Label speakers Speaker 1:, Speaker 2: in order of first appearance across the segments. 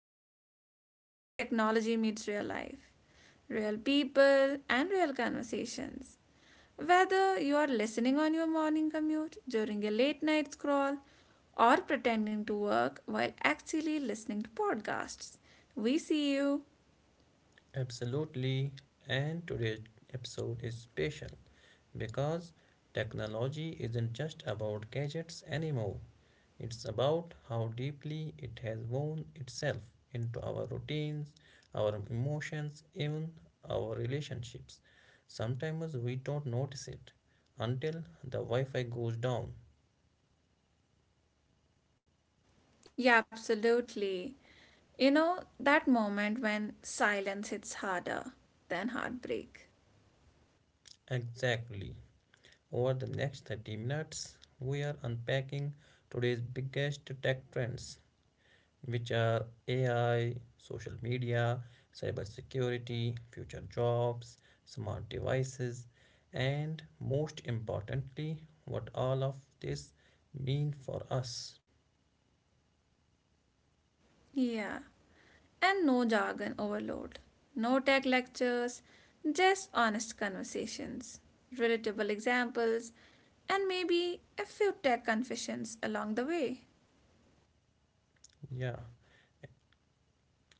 Speaker 1: space where technology meets real life, real people, and real conversations. Whether you are listening on your morning commute, during a late night scroll, or pretending to work while actually listening to podcasts, we see you.
Speaker 2: Absolutely, and today's episode is special because technology isn't just about gadgets anymore. It's about how deeply it has woven itself into our routines, our emotions, even our relationships. Sometimes we don't notice it until the Wi Fi goes down.
Speaker 1: Yeah, absolutely. You know, that moment when silence hits harder than heartbreak.
Speaker 2: Exactly. Over the next 30 minutes, we are unpacking today's biggest tech trends which are AI, social media, cybersecurity, future jobs, smart devices, and most importantly, what all of this mean for us.
Speaker 1: Yeah. And no jargon overload, no tech lectures, just honest conversations, relatable examples, and maybe a few tech confessions along the way.
Speaker 2: Yeah,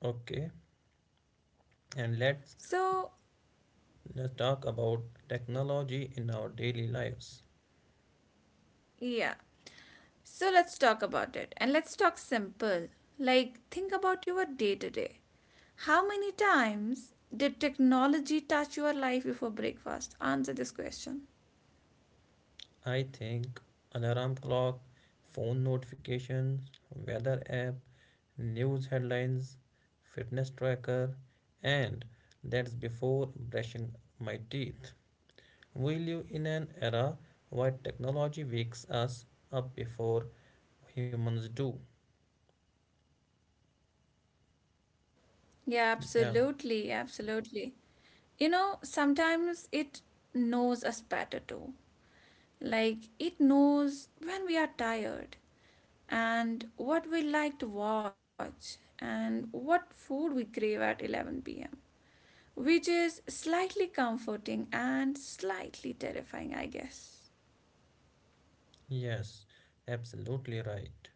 Speaker 2: okay. And
Speaker 1: So,
Speaker 2: let's talk about technology in our daily lives.
Speaker 1: yeah, so let's talk about it and let's talk simple. Like, think about your day to day. How many times did technology touch your life before breakfast? Answer this question.
Speaker 2: I think alarm clock, phone notifications, weather app, news headlines, fitness tracker, and that's before brushing my teeth. We live in an era where technology wakes us up before humans do.
Speaker 1: Yeah,
Speaker 2: Yeah,
Speaker 1: absolutely, absolutely. You know, sometimes it knows us better too. Like, it knows when we are tired and what we like to watch and what food we crave at 11 p.m., which is slightly comforting and slightly terrifying, I guess.
Speaker 2: yes, absolutely right.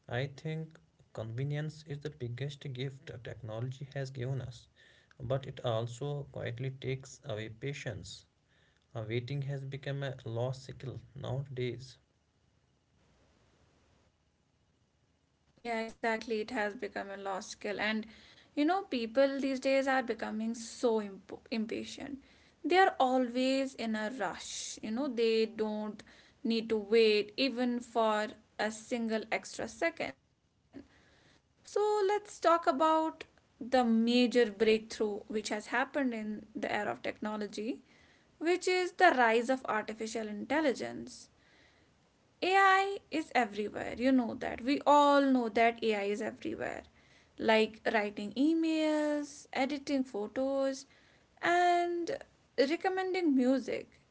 Speaker 2: I think convenience is the biggest gift technology has given us, but it also quietly takes away patience. Waiting has become a lost skill nowadays.
Speaker 1: Yeah, exactly. It has become a lost skill. And you know, people these days are becoming so impatient. They are always in a rush. You know, they don't need to wait even for a single extra second. So, let's talk about the major breakthrough which has happened in the era of technology, which is the rise of artificial intelligence. AI is everywhere. You know that. We all know that AI is everywhere. Like writing emails, editing photos, and recommending music.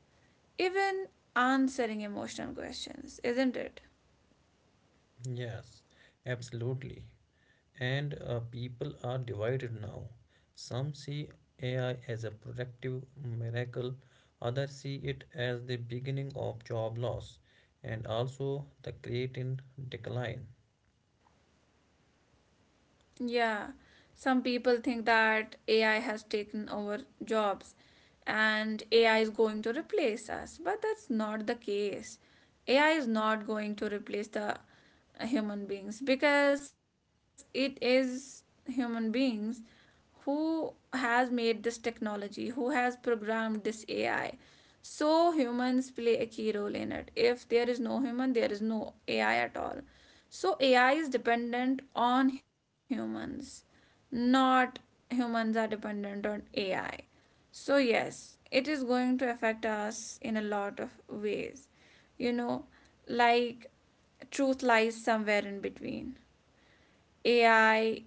Speaker 1: Even answering emotional questions, isn't it?
Speaker 2: Yes, absolutely. And people are divided now. Some see AI as a productive miracle, others see it as the beginning of job loss and also the creating decline.
Speaker 1: Yeah. Some people think that AI has taken over jobs and AI is going to replace us, but that's not the case. AI is not going to replace the human beings, because it is human beings who has made this technology, who has programmed this AI. So humans play a key role in it. If there is no human, there is no AI at all. So AI is dependent on humans, not humans are dependent on AI. So, yes, it is going to affect us in a lot of ways. You know, like, truth lies somewhere in between. AI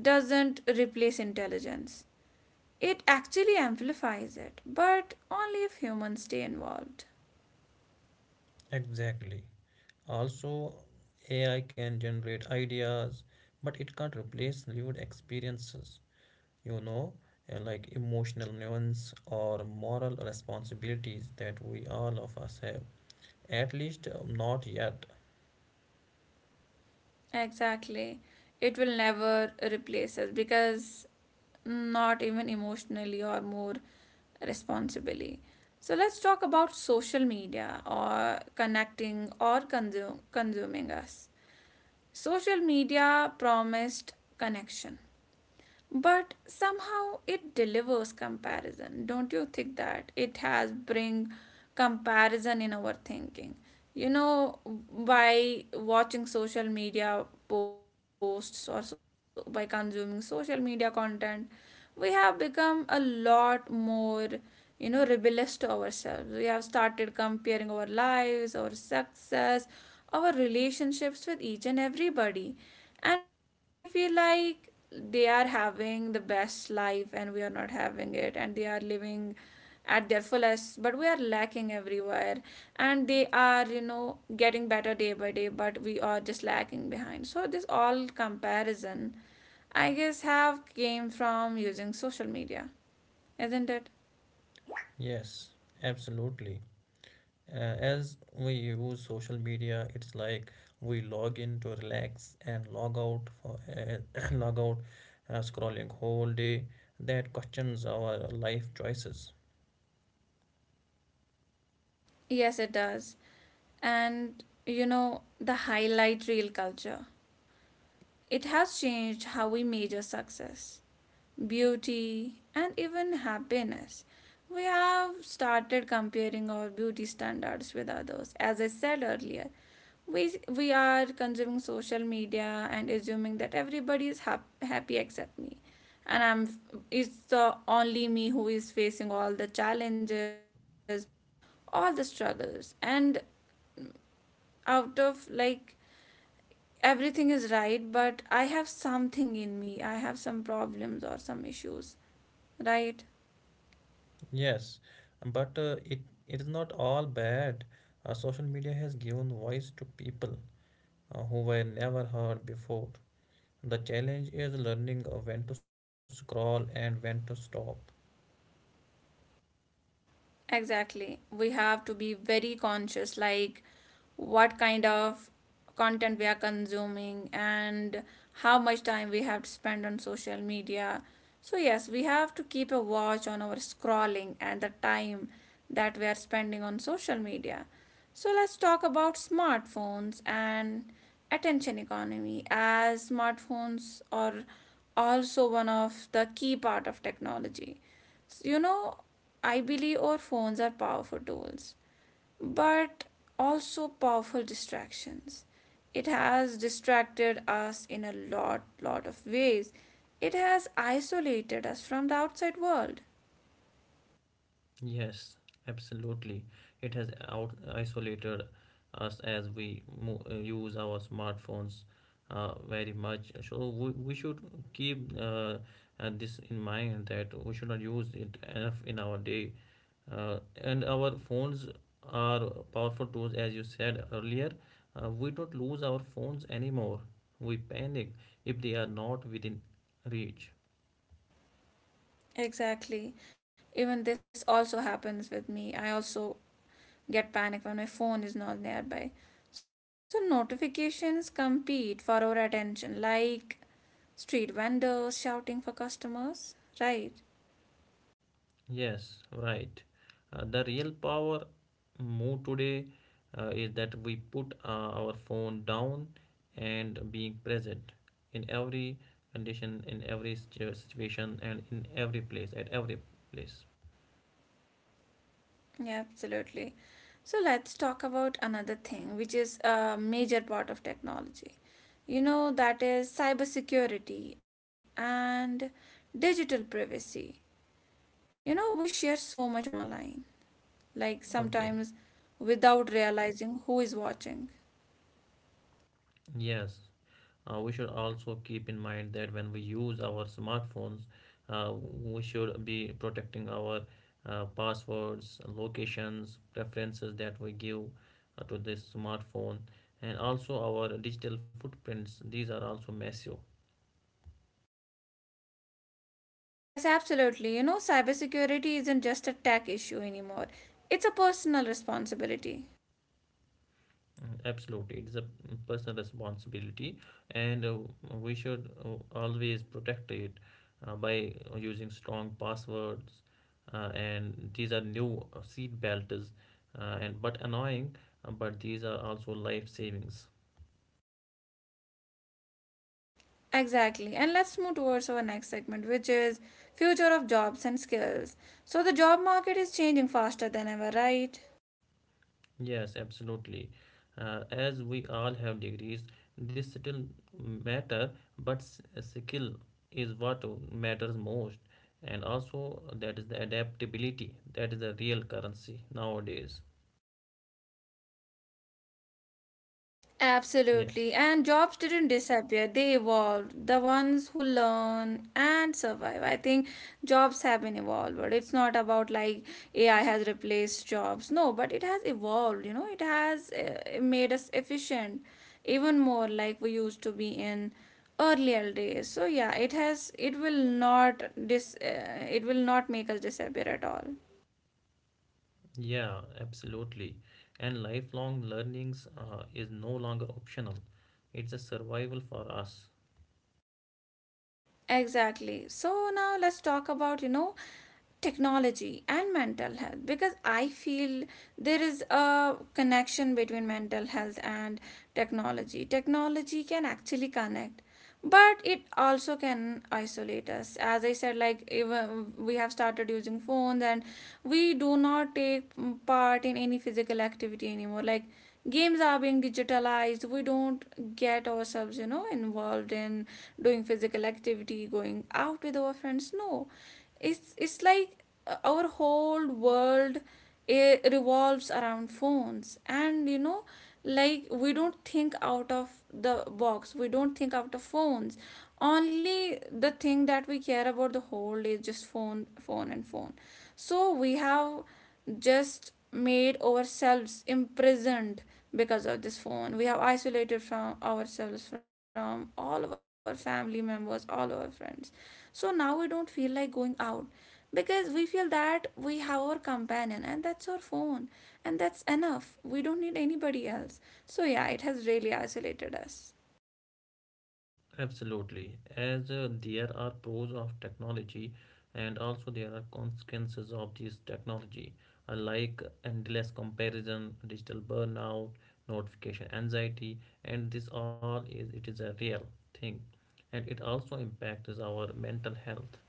Speaker 1: doesn't replace intelligence, it actually amplifies it, but only if humans stay involved.
Speaker 2: Exactly. Also, AI can generate ideas, but it can't replace lived experiences, you know, like emotional nuance or moral responsibilities that we all of us have. At least not yet.
Speaker 1: Exactly. It will never replace us, because not even emotionally or more responsibly. So let's talk about social media or connecting or consuming us. Social media promised connection, but somehow it delivers comparison. Don't you think that it has bring comparison in our thinking? You know, by watching social media posts or so, by consuming social media content, we have become a lot more rebellious to ourselves. We have started comparing our lives, our success, our relationships with each and everybody, and we feel like they are having the best life and we are not having it, and they are living at their fullest but we are lacking everywhere, and they are getting better day by day, but we are just lacking behind. So this all comparison, I guess, half came from using social media, isn't it?
Speaker 2: Yes, absolutely. As we use social media, it's like we log in to relax and log out for log out scrolling whole day. That questions our life choices.
Speaker 1: Yes, it does. And you know, the highlight reel culture. It has changed how we measure success, beauty, and even happiness. We have started comparing our beauty standards with others. As I said earlier, we are consuming social media and assuming that everybody is happy except me, and I'm it's the only me who is facing all the challenges, all the struggles, and out of like, everything is right, but I have something in me, I have some problems or some issues, right?
Speaker 2: Yes, but it is not all bad. Social media has given voice to people who were never heard before. The challenge is learning when to scroll and when to stop.
Speaker 1: Exactly. We have to be very conscious, like, what kind of content we are consuming and how much time we have to spend on social media. So, yes, we have to keep a watch on our scrolling and the time that we are spending on social media. So, let's talk about smartphones and attention economy, as smartphones are also one of the key part of technology. You know, I believe our phones are powerful tools, but also powerful distractions. It has distracted us in a lot, lot of ways. It has isolated us from the outside world.
Speaker 2: Yes, absolutely. It has out isolated us as we mo use our smartphones very much. So we should keep this in mind that we should not use it enough in our day. And our phones are powerful tools, as you said earlier. We don't lose our phones anymore. We panic if they are not within reach.
Speaker 1: Exactly. Even this also happens with me. I also get panic when my phone is not nearby. So notifications compete for our attention, like street vendors shouting for customers, right?
Speaker 2: Yes, right. The real power move today is that we put our phone down and being present in every condition, in every situation, and in every place, at every place.
Speaker 1: Yeah, absolutely. So let's talk about another thing, which is a major part of technology. You know, that is cybersecurity and digital privacy. You know, we share so much online, like, sometimes
Speaker 2: Okay.
Speaker 1: without realizing who is watching.
Speaker 2: Yes. We should also keep in mind that when we use our smartphones uh, we should be protecting our passwords, locations, preferences that we give to this smartphone, and also our digital footprints, these are also massive.
Speaker 1: Yes, absolutely. You know, cybersecurity isn't just a tech issue anymore, it's a personal responsibility.
Speaker 2: Absolutely, it is a personal responsibility, and we should always protect it by using strong passwords. And these are new seat belts, and but annoying, but these are also life savings.
Speaker 1: Exactly. And let's move towards our next segment, which is future of jobs and skills. So the job market is changing faster than ever, right?
Speaker 2: Yes, absolutely. As we all have degrees, this still matter, but skill is what matters most, and also that is the adaptability. That is the real currency nowadays.
Speaker 1: Absolutely. And
Speaker 2: Yes,
Speaker 1: jobs didn't disappear, they evolved. The ones who learn and survive. I think jobs have been evolved. But it's not about like AI has replaced jobs. No, but it has evolved, you know, it has made us efficient even more like we used to be in earlier days. So yeah, it has it will not dis it will not make us disappear at all.
Speaker 2: yeah, absolutely. And lifelong learnings is no longer optional. It's a survival for us.
Speaker 1: Exactly. So now let's talk about, you know, technology and mental health, because I feel there is a connection between mental health and technology. Technology can actually connect, but it also can isolate us. As I said, like, even we have started using phones and we do not take part in any physical activity anymore. Like, games are being digitalized, we don't get ourselves involved in doing physical activity, going out with our friends. No, it's like, our whole world revolves around phones. And you know, like, we don't think out of the box, we don't think out of phones. Only the thing that we care about the whole day is just phone, phone, and phone. So we have just made ourselves imprisoned because of this phone. We have isolated from ourselves, from all of our family members, all of our friends. So now we don't feel like going out, because we feel that we have our companion and that's our phone, and that's enough, we don't need anybody else. So yeah, it has really isolated us.
Speaker 2: Absolutely. As there are pros of technology, and also there are consequences of this technology, like endless comparison, digital burnout, notification anxiety, and this all is it is a real thing. And it also impacts our mental health.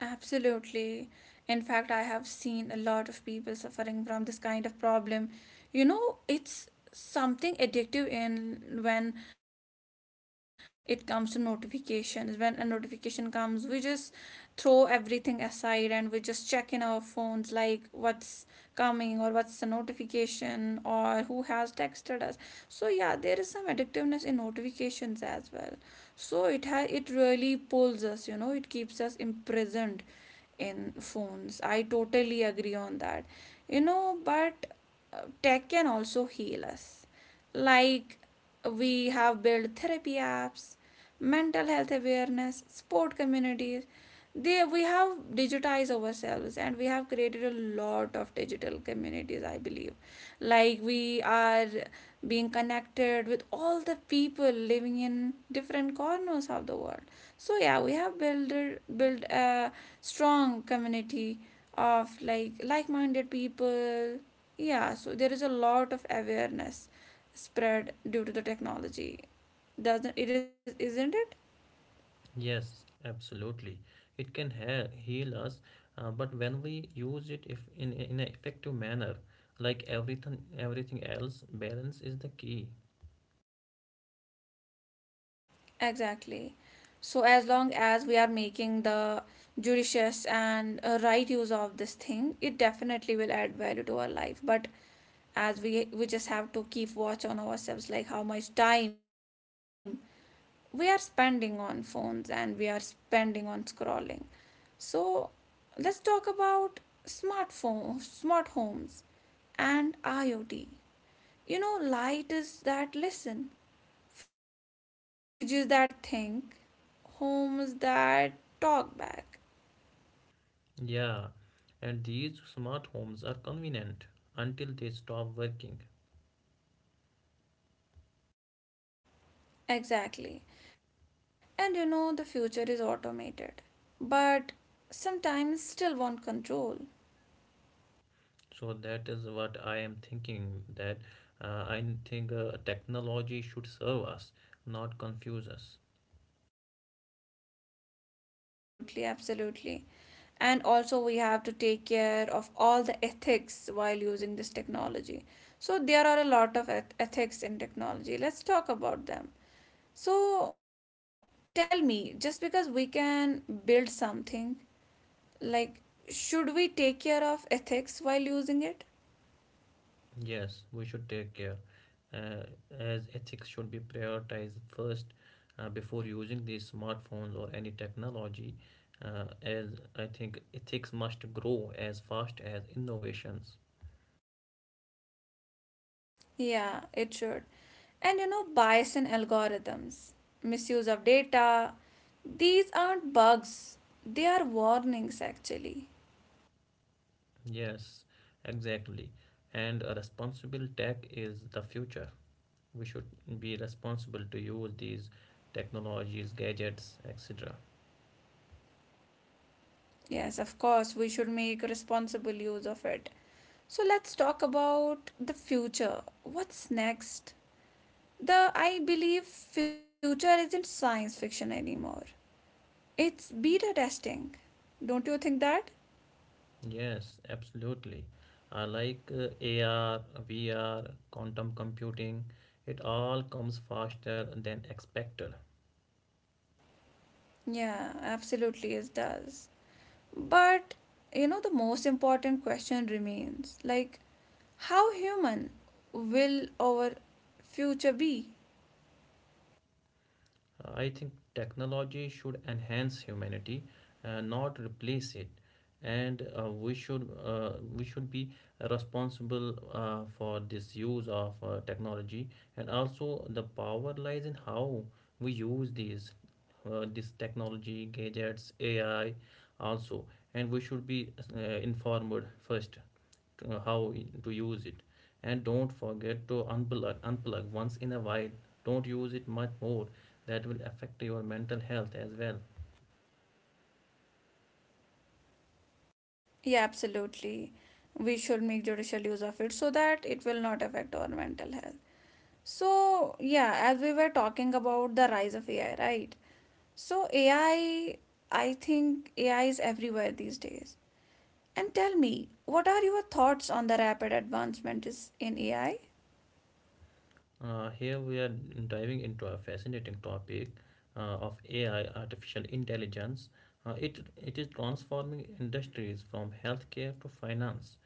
Speaker 1: Absolutely. In fact, I have seen a lot of people suffering from this kind of problem. You know, it's something addictive in when it comes to notifications. When a notification comes, we just throw everything aside and we just check in our phones like, what's coming or what's the notification or who has texted us. So yeah, there is some addictiveness in notifications as well. So it really pulls us, you know, it keeps us imprisoned in phones. I totally agree on that. You know, but tech can also heal us. Like, we have built therapy apps, mental health awareness, sport communities. We have digitized ourselves and we have created a lot of digital communities, I believe. Like, we are being connected with all the people living in different corners of the world. So yeah, we have built a strong community of like, like-minded people. Yeah, so there is a lot of awareness spread due to the technology, doesn't it is isn't it?
Speaker 2: Yes, absolutely. It can heal us, but when we use it if in in an effective manner, like everything else, balance is the key.
Speaker 1: Exactly. So as long as we are making the judicious and right use of this thing, it definitely will add value to our life. But as we just have to keep watch on ourselves, like, how much time we are spending on phones and we are spending on scrolling. So let's talk about smart homes and IoT. You know, light is that listen, fridges that think, homes that talk back.
Speaker 2: Yeah, and these smart homes are convenient until they stop working.
Speaker 1: Exactly. And you know, the future is automated. But sometimes still want control.
Speaker 2: So that is what I am thinking, that I think technology should serve us, not confuse us.
Speaker 1: Absolutely, absolutely. And also, we have to take care of all the ethics while using this technology. So there are a lot of ethics in technology, let's talk about them. So tell me, just because we can build something, like, should we take care of ethics while using it?
Speaker 2: Yes, we should take care uh, as ethics should be prioritized first before using these smartphones or any technology. As I think ethics must grow as fast as innovations.
Speaker 1: Yeah, it should. And you know, bias in algorithms, misuse of data, these aren't bugs, they are warnings actually.
Speaker 2: Yes, exactly. And a responsible tech is the future. We should be responsible to use these technologies, gadgets, etc.
Speaker 1: Yes, of course, we should make a responsible use of it. So let's talk about the future. What's next? The I believe future isn't science fiction anymore. It's beta testing. Don't you think that?
Speaker 2: Yes, absolutely. I like AR, VR, quantum computing. It all comes faster than expected.
Speaker 1: Yeah, absolutely it does. But you know, the most important question remains, like, how human will our future be?
Speaker 2: I think technology should enhance humanity, not replace it. And we should be responsible for this use of technology. And also, the power lies in how we use these this technology, gadgets, AI, also. And we should be informed first how to use it, and don't forget to unplug once in a while. Don't use it much more; that will affect your mental health as well.
Speaker 1: Yeah, absolutely. We should make judicial use of it so that it will not affect our mental health. So, yeah, as we were talking about the rise of AI, right? So, AI, I think AI is everywhere these days. And tell me, what are your thoughts on the rapid advancements in AI?
Speaker 2: Here we are, diving into a fascinating topic of AI, artificial intelligence. It is transforming industries from healthcare to finance.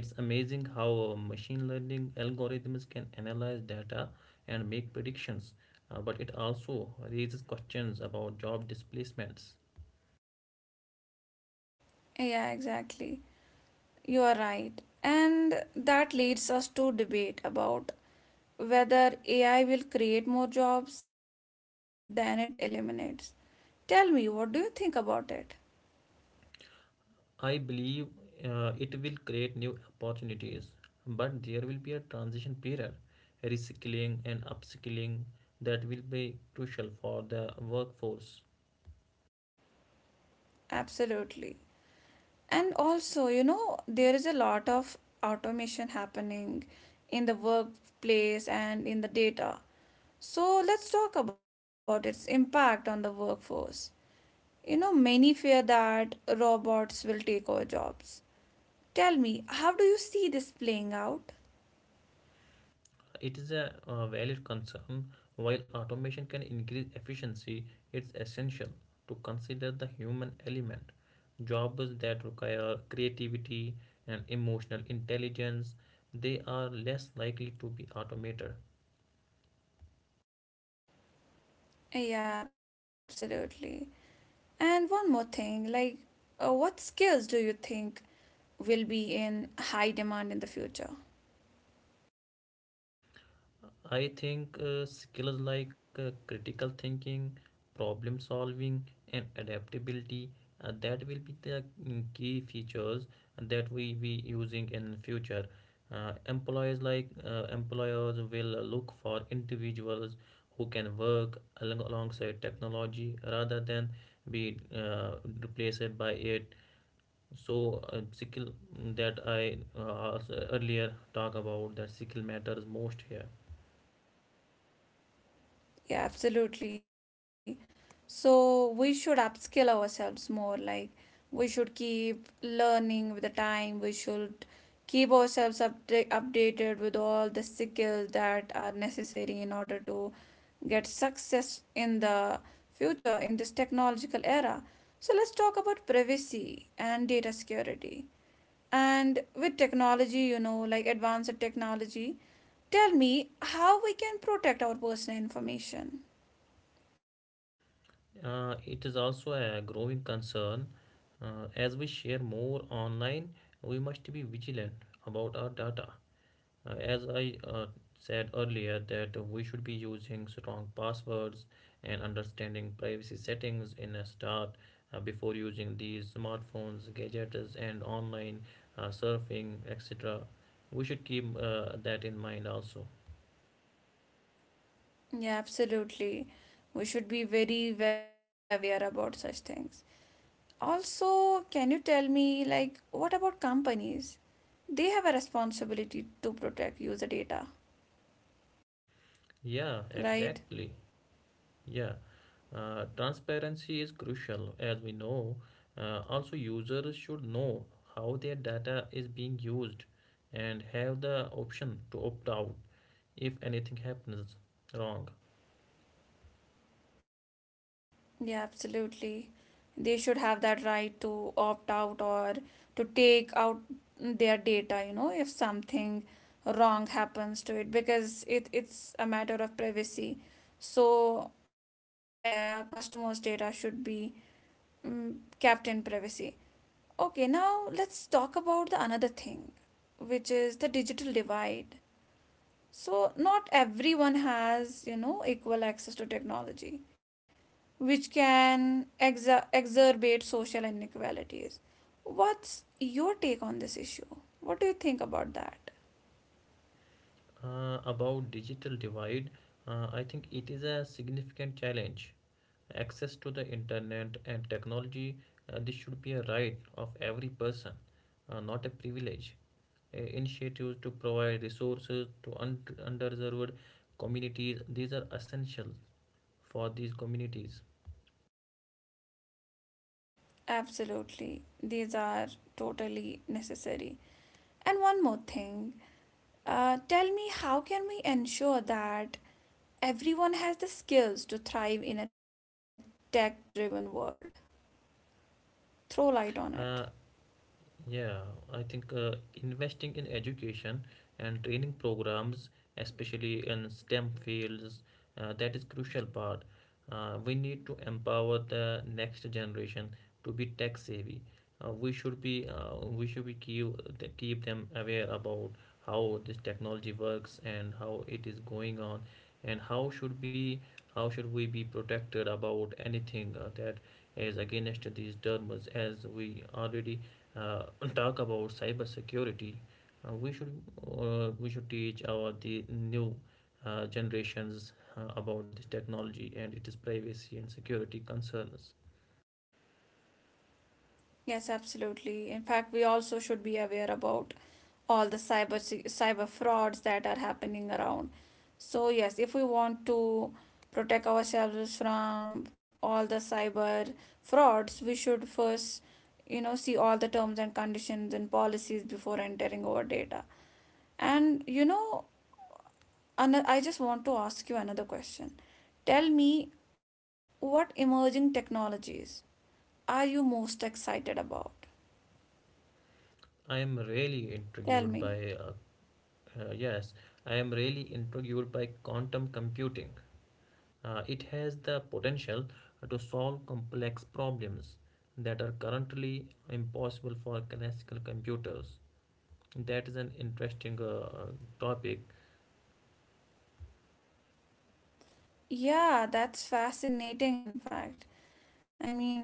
Speaker 2: It's amazing how machine learning algorithms can analyze data and make predictions, but it also raises questions about job displacements.
Speaker 1: Yeah, exactly. You are right. And that leads us to debate about whether AI will create more jobs than it eliminates. Tell me, what do you think about it?
Speaker 2: I believe it will create new opportunities, but there will be a transition period. Reskilling and upskilling, that will be crucial for the workforce.
Speaker 1: Absolutely. And also, you know, there is a lot of automation happening in the workplace and in the data. So let's talk about its impact on the workforce. You know, many fear that robots will take over jobs. Tell me, how do you see this playing out?
Speaker 2: It is a valid concern. While automation can increase efficiency, it's essential to consider the human element. Jobs that require creativity and emotional intelligence, they are less likely to be automated.
Speaker 1: Yeah, absolutely. And one more thing, like, what skills do you think will be in high demand in the future?
Speaker 2: I think skills like critical thinking, problem solving, and adaptability, that will be the key features that we be using in future. Employees like employers will look for individuals who can work along alongside technology rather than be replaced by it. So skill, that I also earlier talk about, that skill matters most here.
Speaker 1: Yeah, absolutely. So we should upskill ourselves more. Like, we should keep learning with the time. We should keep ourselves updated with all the skills that are necessary in order to get success in the future in this technological era. So let's talk about privacy and data security. And with technology, you know, like advanced technology, tell me how we can protect our personal information.
Speaker 2: It is also a growing concern. As we share more online, we must be vigilant about our data. As I said earlier, that we should be using strong passwords and understanding privacy settings in a start before using these smartphones, gadgets, and online surfing, etc. We should keep that in mind also.
Speaker 1: Yeah, absolutely. We should be very well aware about such things. Also, can you tell me, like, what about companies? They have a responsibility to protect user data,
Speaker 2: Yeah, exactly.
Speaker 1: right?
Speaker 2: Yeah, transparency is crucial, as we know. Also, users should know how their data is being used and have the option to opt out if anything happens wrong.
Speaker 1: Yeah, absolutely, they should have that right to opt out or to take out their data, you know, if something wrong happens to it, because it's a matter of privacy. So customers data should be mm, kept in privacy. Okay, now let's talk about the another thing, which is the digital divide. So not everyone has, you know, equal access to technology, which can exacerbate social inequalities. What's your take on this issue? What do you think about that?
Speaker 2: About digital divide, I think it is a significant challenge. Access to the internet and technology, this should be a right of every person, not a privilege. Initiatives to provide resources to underserved communities, these are essential for these communities.
Speaker 1: Absolutely, these are totally necessary. And one more thing, tell me, how can we ensure that everyone has the skills to thrive in a tech driven world? Throw light on it.
Speaker 2: Uh, Yeah, I think investing in education and training programs, especially in STEM fields, that is crucial part. We need to empower the next generation to be tech savvy. We should be keep, keep them aware about how this technology works and how it is going on, and how should we be protected about anything that is against these terms. As we already uh, talk about cybersecurity, uh, we should we should teach our the new generations about this technology and its privacy and security concerns.
Speaker 1: Yes, absolutely. In fact, we also should be aware about all the cyber frauds that are happening around. So yes, if we want to protect ourselves from all the cyber frauds, we should first, you know, see all the terms and conditions and policies before entering our data. And you know, I just want to ask you another question. Tell me, what emerging technologies are you most excited about?
Speaker 2: I am really
Speaker 1: Tell
Speaker 2: intrigued
Speaker 1: me.
Speaker 2: by yes, I am really intrigued by quantum computing. It has the potential to solve complex problems that are currently impossible for classical computers. That is an interesting topic.
Speaker 1: Yeah, that's fascinating, in fact. I mean, yeah.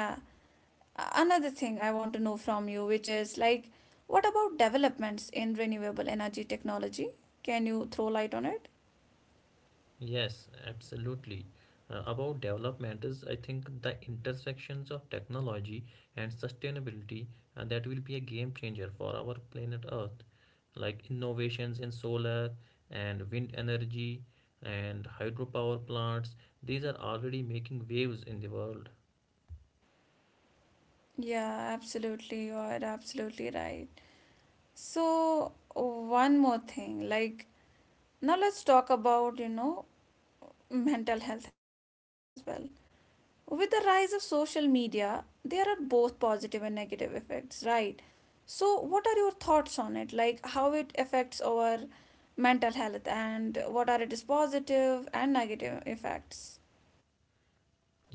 Speaker 1: Another thing I want to know from you, which is like, what about developments in renewable energy technology? Can you throw light on it?
Speaker 2: Yes, absolutely. About development is, I think, the intersections of technology and sustainability, that will be a game changer for our planet Earth, like innovations in solar and wind energy and hydropower plants. These are already making waves in the world.
Speaker 1: Yeah, absolutely. You're absolutely right. So, one more thing, like, now let's talk about, you know, mental health as well. With the rise of social media, there are both positive and negative effects, right? So, what are your thoughts on it? Like, how it affects our mental health and what are its positive and negative effects?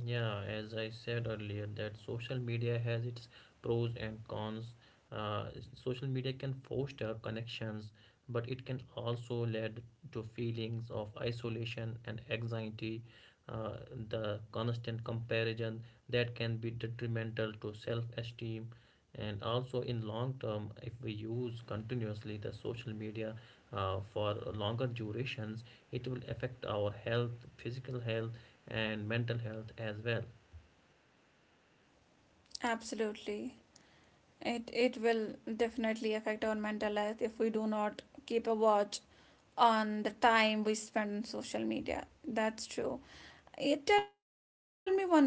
Speaker 2: Yeah, as I said earlier, that social media has its pros and cons. Uh, Social media can foster connections, but it can also lead to feelings of isolation and anxiety. Uh, the constant comparison, that can be detrimental to self-esteem, and also in long term, if we use continuously the social media for longer durations, it will affect our health, physical health and mental health as well.
Speaker 1: Absolutely. It will definitely affect our mental health if we do not keep a watch on the time we spend on social media. That's true. Eh, tell me one more thing. Like,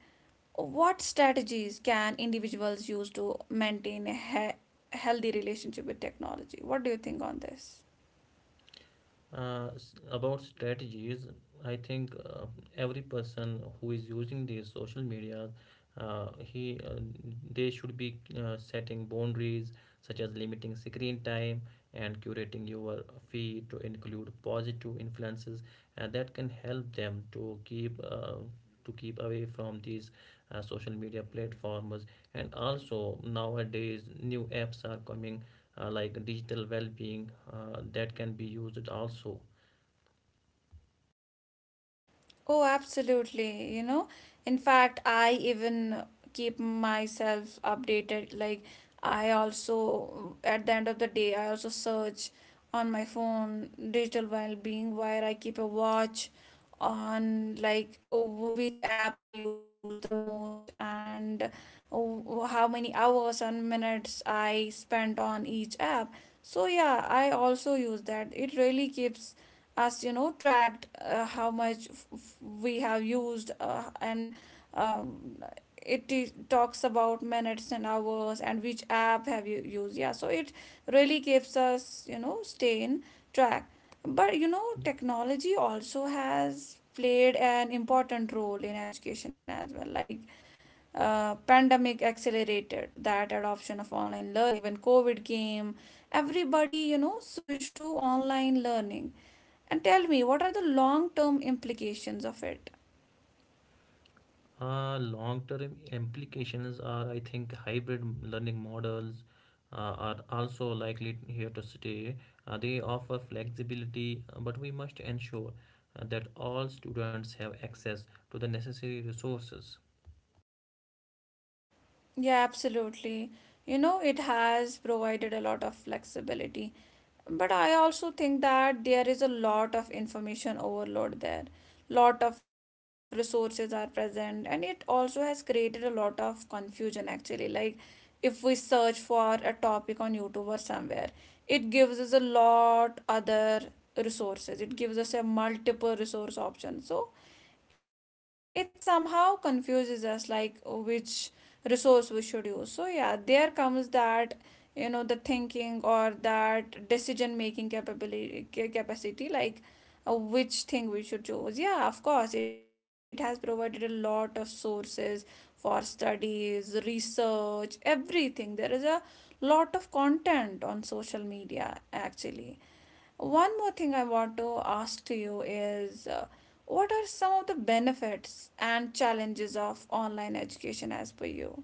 Speaker 1: what strategies can individuals use to maintain a healthy relationship with technology? What do you think on this?
Speaker 2: Uh, about strategies, I think every person who is using these social media, he they should be setting boundaries, such as limiting screen time and curating your feed to include positive influences, and that can help them to keep away from these social media platforms. And also, nowadays new apps are coming like digital well-being, that can be used also.
Speaker 1: Oh, absolutely. You know, in fact, I even keep myself updated. Like, I also, at the end of the day, I also search on my phone digital well-being, where I keep a watch on, like, which app I use the most and how many hours and minutes I spent on each app. So, yeah, I also use that. It really keeps us, you know, tracked, how much we have used, and um, it talks about minutes and hours and which app have you used. Yeah, so it really gives us, you know, stay in track. But you know, technology also has played an important role in education as well. Like, pandemic accelerated that adoption of online learning. When covid came, everybody, you know, switched to online learning. And tell me, what are the long term implications of it?
Speaker 2: Long-term implications are, I think, hybrid learning models are also likely here to stay. They offer flexibility, but we must ensure that all students have access to the necessary resources.
Speaker 1: Yeah, absolutely. You know, it has provided a lot of flexibility. But I also think that there is a lot of information overload there. Lot of resources are present, and it also has created a lot of confusion actually. Like, if we search for a topic on YouTube or somewhere, it gives us a lot other resources. It gives us a multiple resource option. So, it somehow confuses us like which resource we should use. So yeah, there comes that, you know, the thinking or that decision making capability capacity. Like, which thing we should choose. Yeah, of course it has provided a lot of sources for studies, research, everything. There is a lot of content on social media actually. One more thing I want to ask to you is, what are some of the benefits and challenges of online education as per you?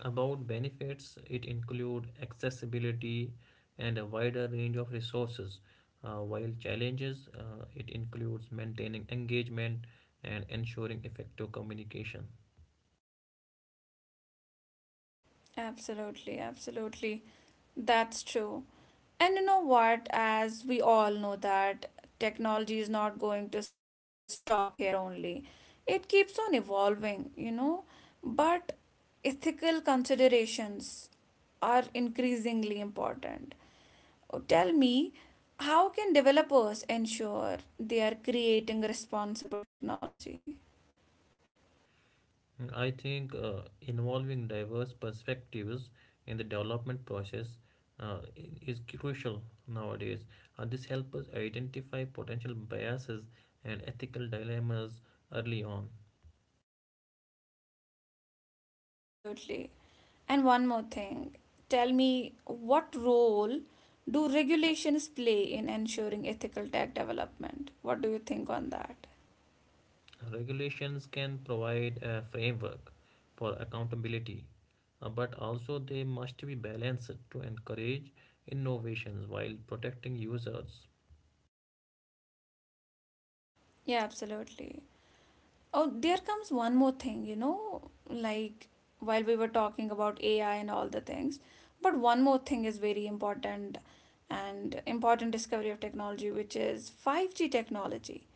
Speaker 2: About benefits, it includes accessibility and a wider range of resources, while challenges, it includes maintaining engagement and ensuring effective communication.
Speaker 1: Absolutely, absolutely. That's true. And you know what? As we all know that technology is not going to stop here only. It keeps on evolving, you know, but ethical considerations are increasingly important. Oh, tell me, how can developers ensure they are creating responsible technology?
Speaker 2: I think involving diverse perspectives in the development process uh, is crucial nowadays. This helps us identify potential biases and ethical dilemmas early on.
Speaker 1: Absolutely. And one more thing, tell me, what role do regulations play in ensuring ethical tech development? What do you think on that?
Speaker 2: Regulations can provide a framework for accountability, but also they must be balanced to encourage innovations while protecting users.
Speaker 1: Yeah, absolutely. Oh, there comes one more thing, you know, like, while we were talking about AI and all the things, but one more thing is very important and important discovery of technology, which is 5G technology.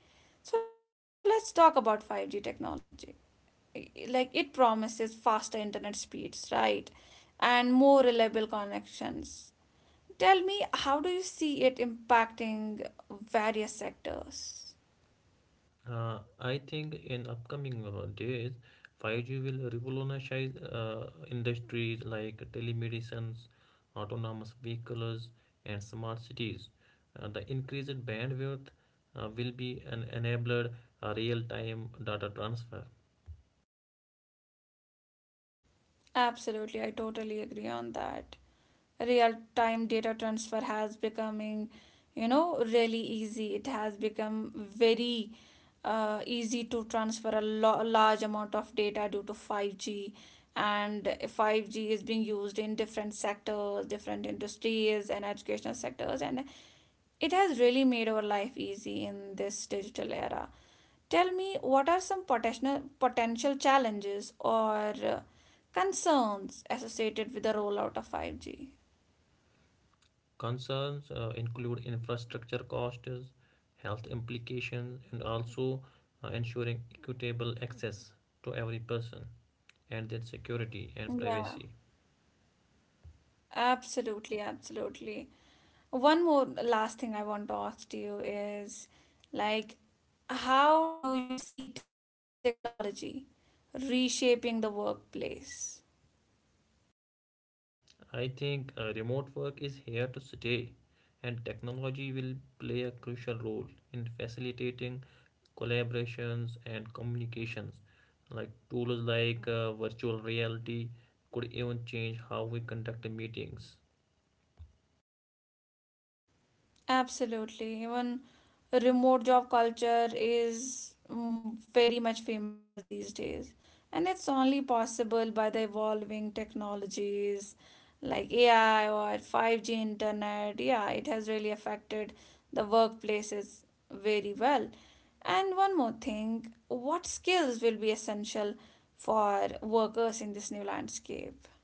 Speaker 1: So let's talk about 5G technology. Like, it promises faster internet speeds, right? And more reliable connections. Tell me, how do you see it impacting various sectors?
Speaker 2: I think in upcoming days, 5G will revolutionize industries like telemedicines, autonomous vehicles, and smart cities. The increased bandwidth will be an enabled real-time data transfer.
Speaker 1: Absolutely, I totally agree on that. Real time data transfer has becoming, you know, really easy. It has become very easy to transfer a large amount of data due to 5G. And 5G is being used in different sectors, different industries and educational sectors, and it has really made our life easy in this digital era. Tell me, what are some potential potential challenges or uh, concerns associated with the rollout of 5G?
Speaker 2: Concerns include infrastructure costs, health implications, and also ensuring equitable access to every person, and their security and
Speaker 1: Yeah,
Speaker 2: privacy.
Speaker 1: absolutely, absolutely. One more last thing I want to ask to you is, like, how do you see technology reshaping the workplace?
Speaker 2: I think remote work is here to stay, and technology will play a crucial role in facilitating collaborations and communications. Like tools like virtual reality could even change how we conduct meetings.
Speaker 1: Absolutely. Even remote job culture is very much famous these days. And it's only possible by the evolving technologies like AI or 5G internet. Yeah, it has really affected the workplaces very well. And one more thing, what skills will be essential for workers in this new landscape?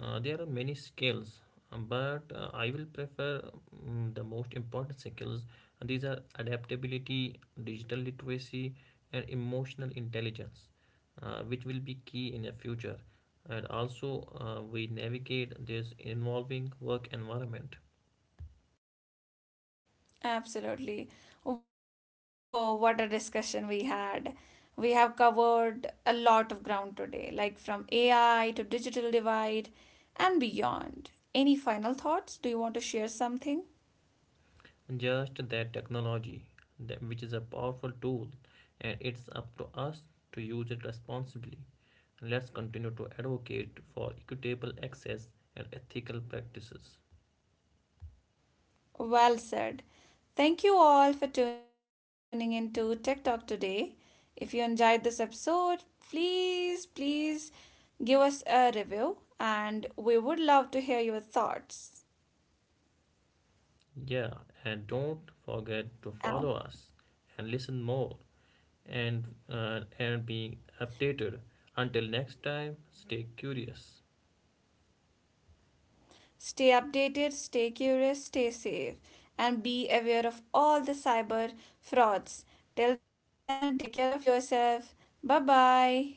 Speaker 2: There are many skills, but I will prefer the most important skills. These are adaptability, digital literacy, and emotional intelligence, which will be key in the future. And also, we navigate this involving work environment.
Speaker 1: Absolutely. Whoa, what a discussion we had. We have covered a lot of ground today, like from AI to digital divide and beyond. Any final thoughts? Do you want to share something?
Speaker 2: Just that technology, that, which is a powerful tool, and it's up to us to use it responsibly. Let's continue to advocate for equitable access and ethical practices.
Speaker 1: Well said. Thank you all for tuning into Tech Talk today. If you enjoyed this episode, please, please give us a review and we would love to hear your thoughts.
Speaker 2: Yeah, and don't forget to follow us and listen more, and and be updated. Until next time, stay curious.
Speaker 1: Stay updated, stay curious, stay safe, and be aware of all the cyber frauds. Till then, take care of yourself. Bye bye.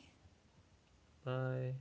Speaker 2: Bye.